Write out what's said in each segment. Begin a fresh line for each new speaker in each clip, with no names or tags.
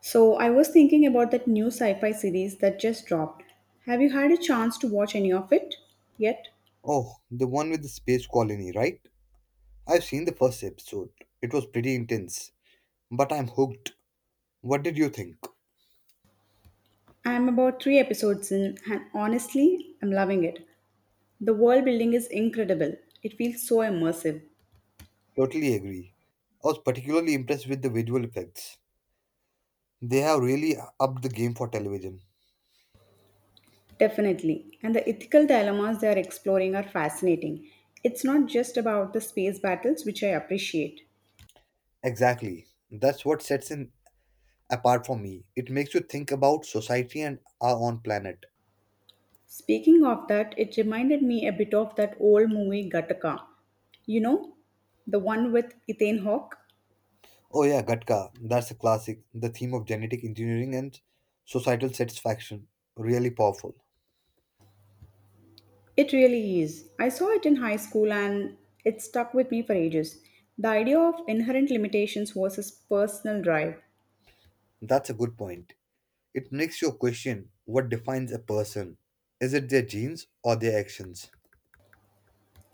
So, I was thinking about that new sci fi series that just dropped. Have you had a chance to watch any of it yet?
Oh, the one with the space colony, right? I've seen the first episode. It was pretty intense, but I'm hooked. What did you think?
I'm about three episodes in, and honestly, I'm loving it. The world building is incredible, it feels so immersive.
Totally agree. I was particularly impressed with the visual effects. They have really upped the game for television.
Definitely. And the ethical dilemmas they are exploring are fascinating. It's not just about the space battles, which I appreciate.
Exactly. That's what sets it apart for me. It makes you think about society and our own planet.
Speaking of that, it reminded me a bit of that old movie Gattaca. You know, the one with Ethan Hawke?
Oh yeah, Gattaca. That's a classic. The theme of genetic engineering and societal satisfaction. Really powerful.
It really is. I saw it in high school and it stuck with me for ages. The idea of inherent limitations versus personal drive.
That's a good point. It makes you question what defines a person. Is it their genes or their actions?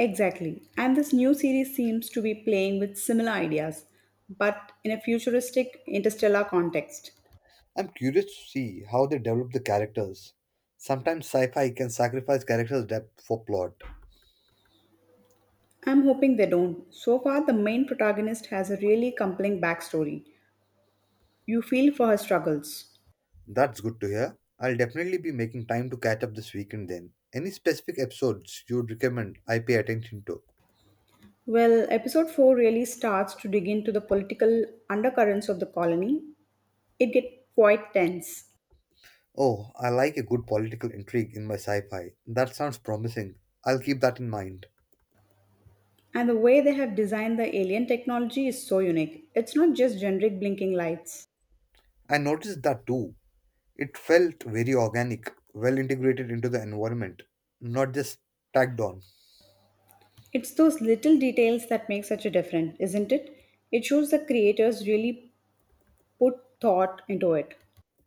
Exactly. And this new series seems to be playing with similar ideas, but in a futuristic interstellar context.
I'm curious to see how they develop the characters. Sometimes sci fi can sacrifice characters' depth for plot.
I'm hoping they don't. So far, the main protagonist has a really compelling backstory. You feel for her struggles.
That's good to hear. I'll definitely be making time to catch up this weekend then. Any specific episodes you'd recommend I pay attention to?
Well, episode 4 really starts to dig into the political undercurrents of the colony. It gets quite tense.
Oh, I like a good political intrigue in my sci fi. That sounds promising. I'll keep that in mind.
And the way they have designed the alien technology is so unique. It's not just generic blinking lights.
I noticed that too. It felt very organic, well integrated into the environment, not just tacked on.
It's those little details that make such a difference, isn't it? It shows the creators really put thought into it.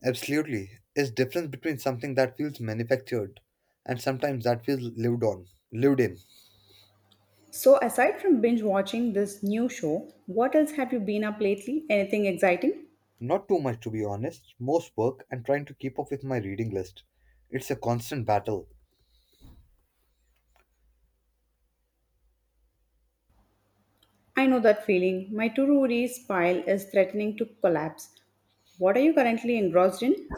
Absolutely. It's difference between something that feels manufactured and sometimes that feels lived on, lived in.
So aside from binge watching this new show, what else have you been up lately? Anything exciting?
Not too much to be honest, most work and trying to keep up with my reading list. It's a constant battle.
I know that feeling. My to-do list pile is threatening to collapse. What are you currently engrossed in?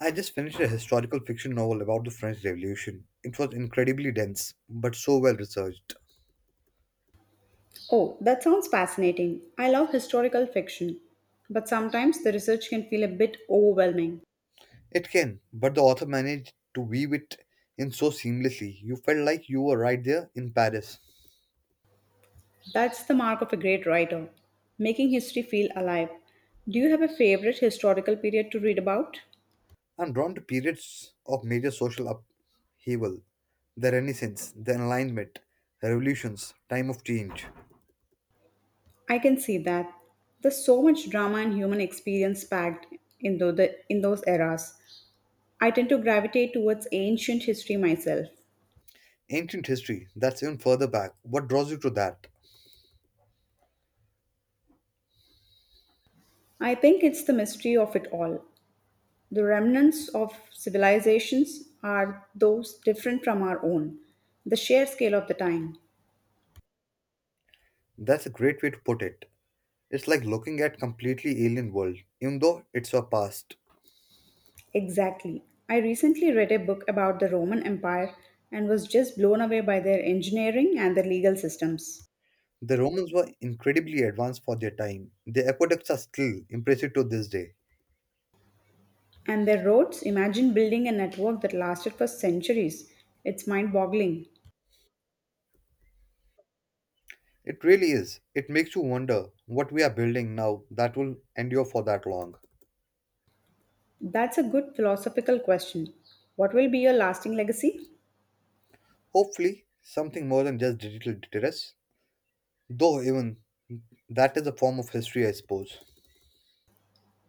I just finished a historical fiction novel about the French Revolution. It was incredibly dense, but so well researched.
Oh, that sounds fascinating. I love historical fiction, but sometimes the research can feel a bit overwhelming.
It can, but the author managed to weave it in so seamlessly. You felt like you were right there in Paris.
That's the mark of a great writer, making history feel alive. Do you have a favorite historical period to read about?
I'm drawn to periods of major social upheaval, the Renaissance, the Enlightenment, revolutions, time of change.
I can see that. There's so much drama and human experience packed in, in those eras. I tend to gravitate towards ancient history myself.
Ancient history, that's even further back. What draws you to that?
I think it's the mystery of it all, the remnants of civilizations are those different from our own, the sheer scale of the time.
That's a great way to put it. It's like looking at completely alien world, even though it's our past.
Exactly. I recently read a book about the Roman Empire and was just blown away by their engineering and their legal systems.
The Romans were incredibly advanced for their time. Their aqueducts are still impressive to this day.
And their roads, imagine building a network that lasted for centuries. It's mind boggling.
It really is. It makes you wonder what we are building now that will endure for that long.
That's a good philosophical question. What will be your lasting legacy?
Hopefully, something more than just digital deterrence, though, even that is a form of history, I suppose.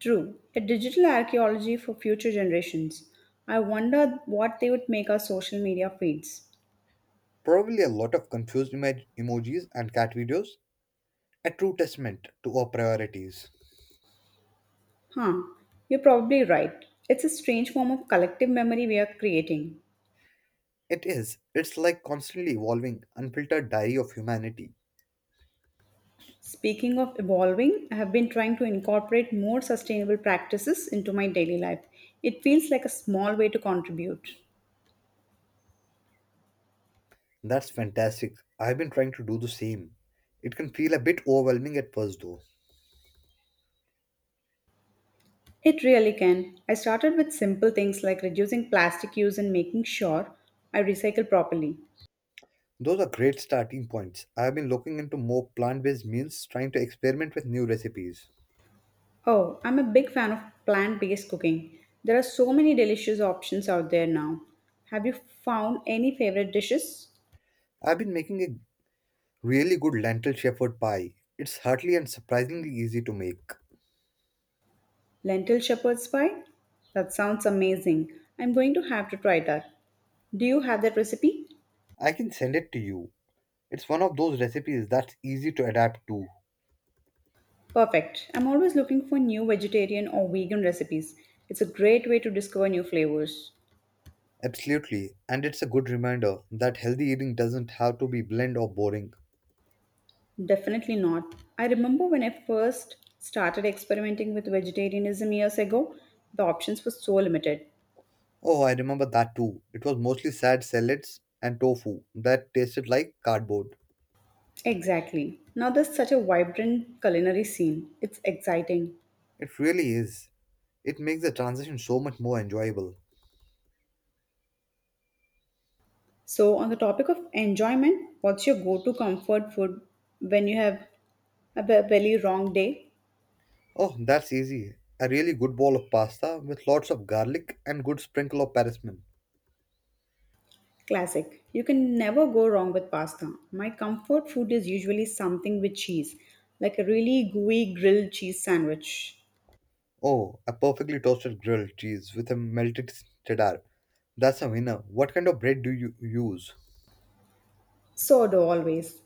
True, a digital archaeology for future generations. I wonder what they would make our social media feeds.
Probably a lot of confused emojis and cat videos, a true testament to our priorities.
Huh, you're probably right. It's a strange form of collective memory we are creating.
It is. It's like constantly evolving, unfiltered diary of humanity.
Speaking of evolving, I have been trying to incorporate more sustainable practices into my daily life. It feels like a small way to contribute.
That's fantastic. I've been trying to do the same. It can feel a bit overwhelming at first, though.
It really can. I started with simple things like reducing plastic use and making sure I recycle properly.
Those are great starting points. I have been looking into more plant based meals, trying to experiment with new recipes.
Oh, I'm a big fan of plant based cooking. There are so many delicious options out there now. Have you found any favorite dishes?
I've been making a really good lentil shepherd pie. It's hearty and surprisingly easy to make.
Lentil shepherd's pie? That sounds amazing. I'm going to have to try that. Do you have that recipe?
I can send it to you. It's one of those recipes that's easy to adapt to.
Perfect. I'm always looking for new vegetarian or vegan recipes. It's a great way to discover new flavors.
Absolutely, and it's a good reminder that healthy eating doesn't have to be bland or boring.
Definitely not. I remember when I first started experimenting with vegetarianism years ago, the options were so limited.
Oh, I remember that too. It was mostly sad salads and tofu that tasted like cardboard.
Exactly. Now there's such a vibrant culinary scene. It's exciting.
It really is. It makes the transition so much more enjoyable.
So, on the topic of enjoyment, what's your go to comfort food when you have a belly wrong day?
Oh, that's easy. A really good bowl of pasta with lots of garlic and good sprinkle of parmesan.
Classic. You can never go wrong with pasta. My comfort food is usually something with cheese, like a really gooey grilled cheese sandwich.
Oh, a perfectly toasted grilled cheese with a melted cheddar. That's a winner. What kind of bread do you use?
Sourdough always.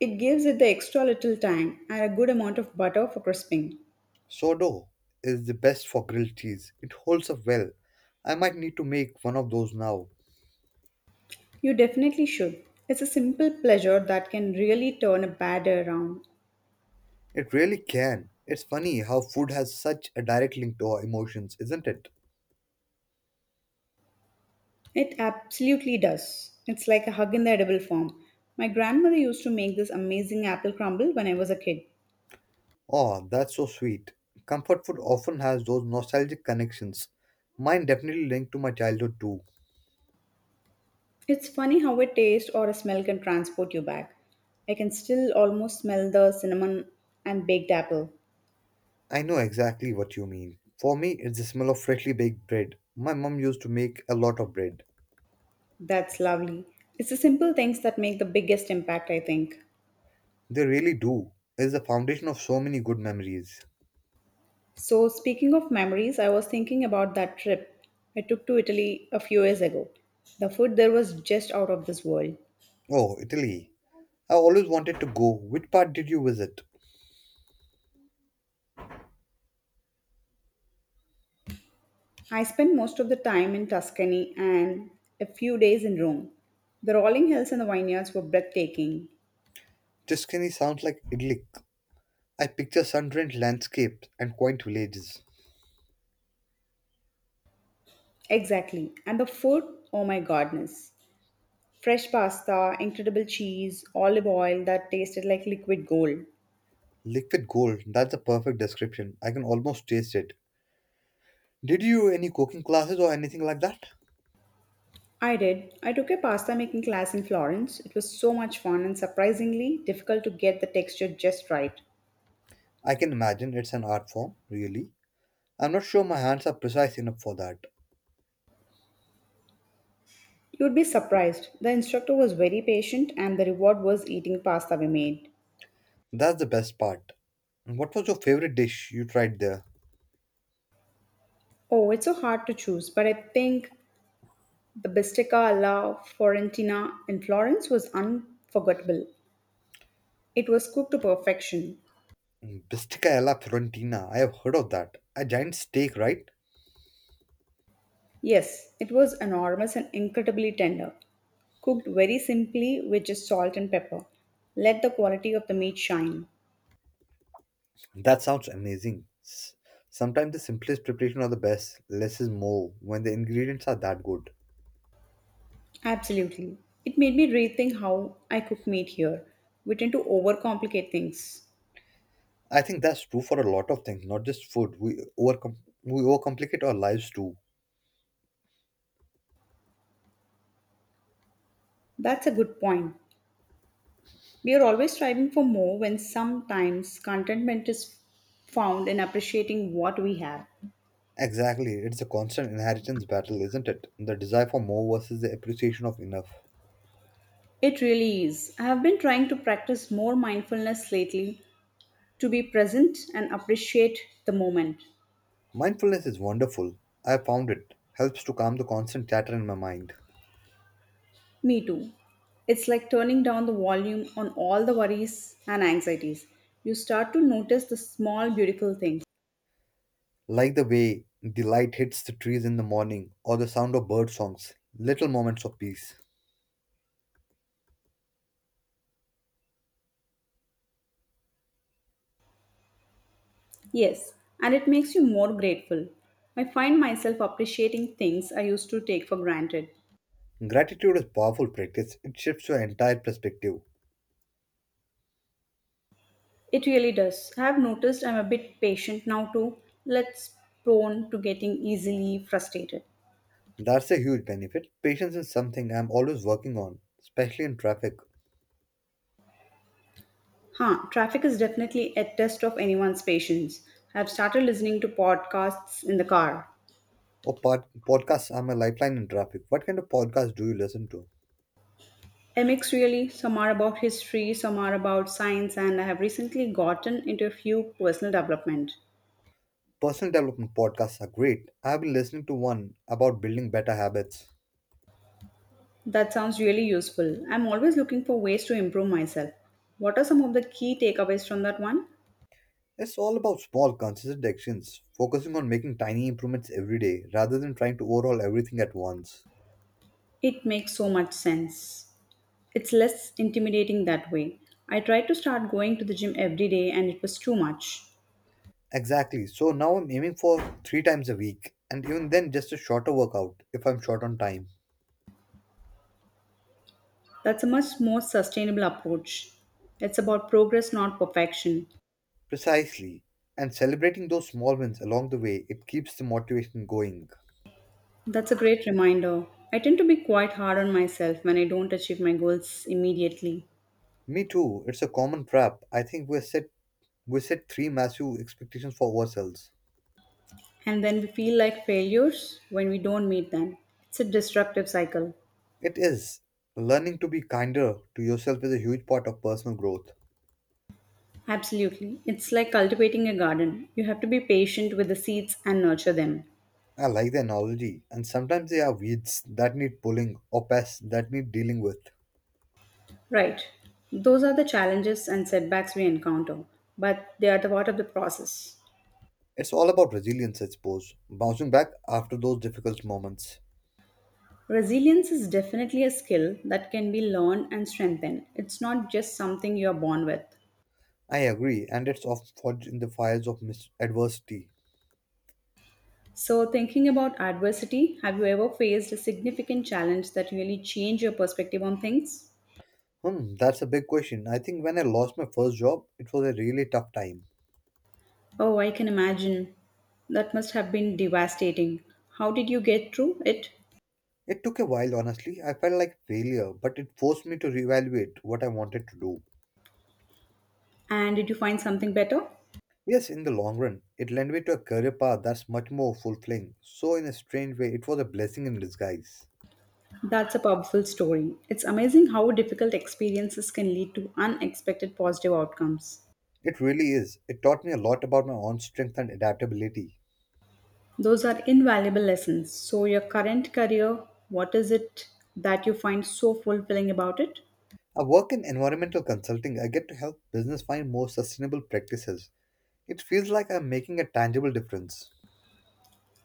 It gives it the extra little tang and a good amount of butter for crisping.
Sourdough is the best for grilled cheese. It holds up well. I might need to make one of those now.
You definitely should. It's a simple pleasure that can really turn a bad day around.
It really can. It's funny how food has such a direct link to our emotions, isn't it?
It absolutely does. It's like a hug in the edible form. My grandmother used to make this amazing apple crumble when I was a kid.
Oh, that's so sweet. Comfort food often has those nostalgic connections. Mine definitely linked to my childhood too.
It's funny how a taste or a smell can transport you back. I can still almost smell the cinnamon and baked apple.
I know exactly what you mean. For me, it's the smell of freshly baked bread. My mom used to make a lot of bread.
That's lovely. It's the simple things that make the biggest impact, I think.
They really do. It's the foundation of so many good memories.
So, speaking of memories, I was thinking about that trip I took to Italy a few years ago. The food there was just out of this world.
Oh, Italy. I always wanted to go. Which part did you visit?
I spent most of the time in Tuscany and a few days in Rome. The rolling hills and the vineyards were breathtaking.
Tuscany sounds like idyllic. I picture sun-drenched landscapes and quaint villages.
Exactly. And the food, oh my goodness. Fresh pasta, incredible cheese, olive oil that tasted like liquid gold.
Liquid gold, that's a perfect description. I can almost taste it. Did you any cooking classes or anything like that?
I did. I took a pasta making class in Florence. It was so much fun and surprisingly difficult to get the texture just right.
I can imagine it's an art form, really. I'm not sure my hands are precise enough for that.
You'd be surprised. The instructor was very patient, and the reward was eating pasta we made.
That's the best part. What was your favorite dish you tried there?
Oh, it's so hard to choose, but I think the bistecca alla Fiorentina in Florence was unforgettable. It was cooked to perfection.
Bistica alla Fiorentina. I have heard of that. A giant steak, right?
Yes, it was enormous and incredibly tender. Cooked very simply with just salt and pepper. Let the quality of the meat shine.
That sounds amazing. Sometimes the simplest preparation are the best. Less is more when the ingredients are that good.
Absolutely. It made me rethink how I cook meat here. We tend to overcomplicate things.
I think that's true for a lot of things, not just food. We overcom- overcomplicate our lives too.
That's a good point. We are always striving for more when sometimes contentment is found in appreciating what we have.
Exactly, it's a constant inheritance battle, isn't it? The desire for more versus the appreciation of enough.
It really is. I have been trying to practice more mindfulness lately to be present and appreciate the moment.
Mindfulness is wonderful. I found it helps to calm the constant chatter in my mind.
Me too. It's like turning down the volume on all the worries and anxieties. You start to notice the small, beautiful things.
Like the way the light hits the trees in the morning or the sound of bird songs, little moments of peace.
Yes, and it makes you more grateful. I find myself appreciating things I used to take for granted.
Gratitude is powerful practice. It shifts your entire perspective.
It really does. I've noticed I'm a bit patient now too. Let's prone to getting easily frustrated.
That's a huge benefit. Patience is something I'm always working on, especially in traffic.
Huh, traffic is definitely a test of anyone's patience. I've started listening to podcasts in the car.
Oh, podcasts are my lifeline in traffic. What kind of podcasts do you listen to?
A mix really, some are about history, some are about science, and I have recently gotten into a few personal development.
Personal development podcasts are great. I have been listening to one about building better habits.
That sounds really useful. I'm always looking for ways to improve myself. What are some of the key takeaways from that one?
It's all about small, consistent actions, focusing on making tiny improvements every day rather than trying to overhaul everything at once.
It makes so much sense. It's less intimidating that way. I tried to start going to the gym every day and it was too much.
Exactly. So now I'm aiming for three times a week, and even then, just a shorter workout if I'm short on time.
That's a much more sustainable approach. It's about progress, not perfection.
Precisely. And celebrating those small wins along the way, it keeps the motivation going.
That's a great reminder. I tend to be quite hard on myself when I don't achieve my goals immediately.
Me too. It's a common trap. I think we set three massive expectations for ourselves.
And then we feel like failures when we don't meet them. It's a destructive cycle.
It is. Learning to be kinder to yourself is a huge part of personal growth.
Absolutely. It's like cultivating a garden. You have to be patient with the seeds and nurture them.
I like the analogy, and sometimes there are weeds that need pulling or pests that need dealing with.
Right. Those are the challenges and setbacks we encounter, but they are the part of the process.
It's all about resilience, I suppose, bouncing back after those difficult moments.
Resilience is definitely a skill that can be learned and strengthened. It's not just something you're born with.
I agree, and it's often forged in the fires of adversity.
So, thinking about adversity, have you ever faced a significant challenge that really changed your perspective on things?
Hmm, that's a big question. I think when I lost my first job, it was a really tough time.
Oh, I can imagine. That must have been devastating. How did you get through it?
It took a while, honestly. I felt like failure, but it forced me to reevaluate what I wanted to do.
And did you find something better?
Yes, in the long run, it led me to a career path that's much more fulfilling. So, in a strange way, it was a blessing in disguise.
That's a powerful story. It's amazing how difficult experiences can lead to unexpected positive outcomes.
It really is. It taught me a lot about my own strength and adaptability.
Those are invaluable lessons. So, your current career, what is it that you find so fulfilling about it?
I work in environmental consulting. I get to help business find more sustainable practices. It feels like I'm making a tangible difference.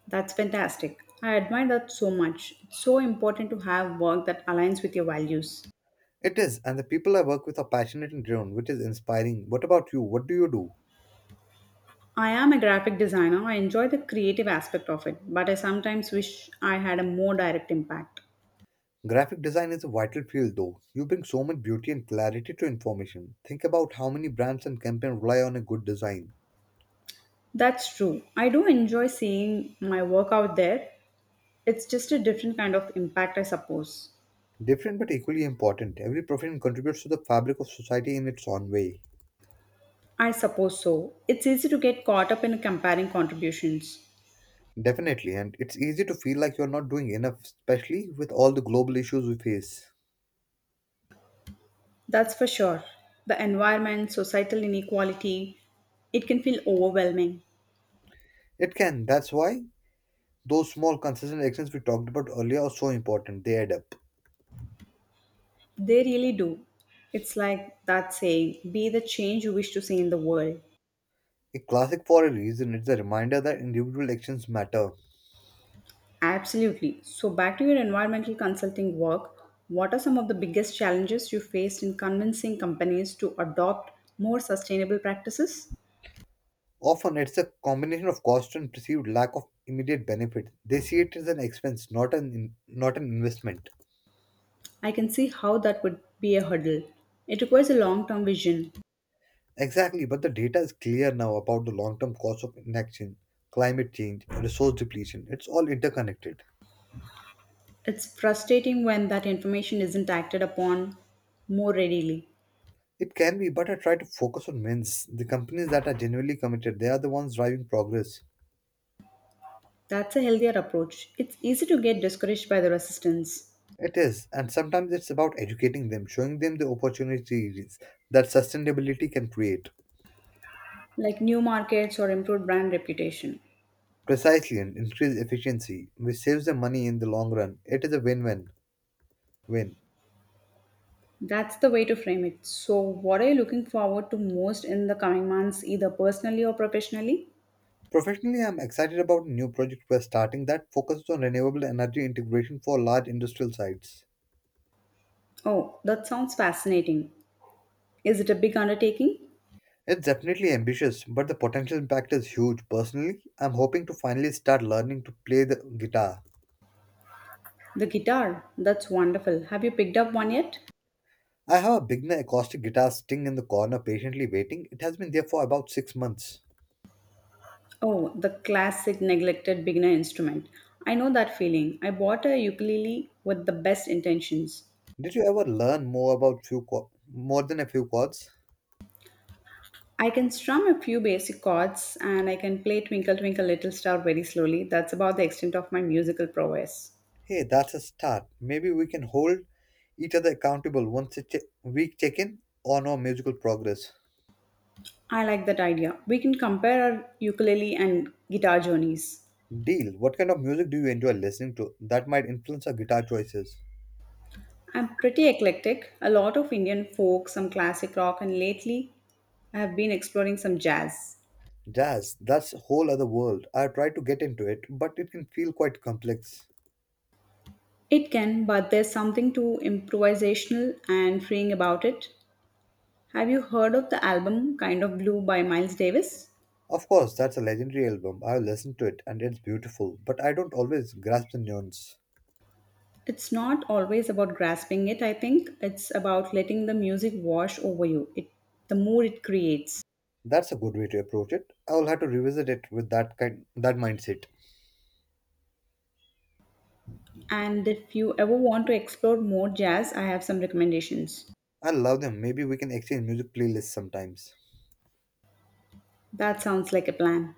That's fantastic. I admire that so much. It's so important to have work that aligns with your values.
It is, and the people I work with are passionate and driven, which is inspiring. What about you? What do you do?
I am a graphic designer. I enjoy the creative aspect of it, but I sometimes wish I had a more direct impact.
Graphic design is a vital field, though. You bring so much beauty and clarity to information. Think about how many brands and campaigns rely on a good design.
That's true. I do enjoy seeing my work out there. It's just a different kind of impact, I suppose.
Different but equally important, every profession contributes to the fabric of society in its own way.
I suppose so. It's easy to get caught up in comparing contributions.
Definitely, and it's easy to feel like you're not doing enough, especially with all the global issues we face.
That's for sure. The environment, societal inequality, it can feel overwhelming.
It can, that's why those small consistent actions we talked about earlier are so important, they add up.
They really do. It's like that saying be the change you wish to see in the world.
A classic for a reason, it's a reminder that individual actions matter.
Absolutely. So, back to your environmental consulting work, what are some of the biggest challenges you faced in convincing companies to adopt more sustainable practices?
Often, it's a combination of cost and perceived lack of immediate benefit. They see it as an expense, not an investment.
I can see how that would be a hurdle. It requires a long term vision.
Exactly, but the data is clear now about the long term cost of inaction, climate change, resource depletion. It's all interconnected.
It's frustrating when that information isn't acted upon more readily.
It can be, but I try to focus on wins. The companies that are genuinely committed, they are the ones driving progress.
That's a healthier approach. It's easy to get discouraged by the resistance,
It is, and sometimes it's about educating them, showing them the opportunities that sustainability can create.
like new markets or improved brand reputation.
Precisely, and increase efficiency, which saves them money in the long run. It is a win win win.
That's the way to frame it. So, what are you looking forward to most in the coming months, either personally or professionally?
Professionally, I'm excited about a new project we're starting that focuses on renewable energy integration for large industrial sites.
Oh, that sounds fascinating. Is it a big undertaking?
It's definitely ambitious, but the potential impact is huge. Personally, I'm hoping to finally start learning to play the guitar.
The guitar, that's wonderful. Have you picked up one yet?
I have a beginner acoustic guitar sitting in the corner patiently waiting. It has been there for about 6 months.
Oh, the classic neglected beginner instrument. I know that feeling. I bought a ukulele with the best intentions.
Did you ever learn more about more than a few chords?
I can strum a few basic chords and I can play Twinkle Twinkle Little Star very slowly. That's about the extent of my musical prowess.
Hey, that's a start. Maybe we can hold each other accountable once a week check in on our musical progress.
I like that idea. We can compare our ukulele and guitar journeys.
Deal, what kind of music do you enjoy listening to that might influence our guitar choices?
I'm pretty eclectic, a lot of Indian folk, some classic rock, and lately I have been exploring some jazz.
Jazz, that's a whole other world. I tried to get into it, but it can feel quite complex.
It can, but there's something too improvisational and freeing about it. Have you heard of the album Kind of Blue by Miles Davis?
Of course, that's a legendary album. I've listened to it and it's beautiful, but I don't always grasp the nuance.
It's not always about grasping it, I think. It's about letting the music wash over you, the mood it creates.
That's a good way to approach it. I'll have to revisit it with that mindset.
And if you ever want to explore more jazz, I have some recommendations.
I love them. Maybe we can exchange music playlists sometimes.
That sounds like a plan.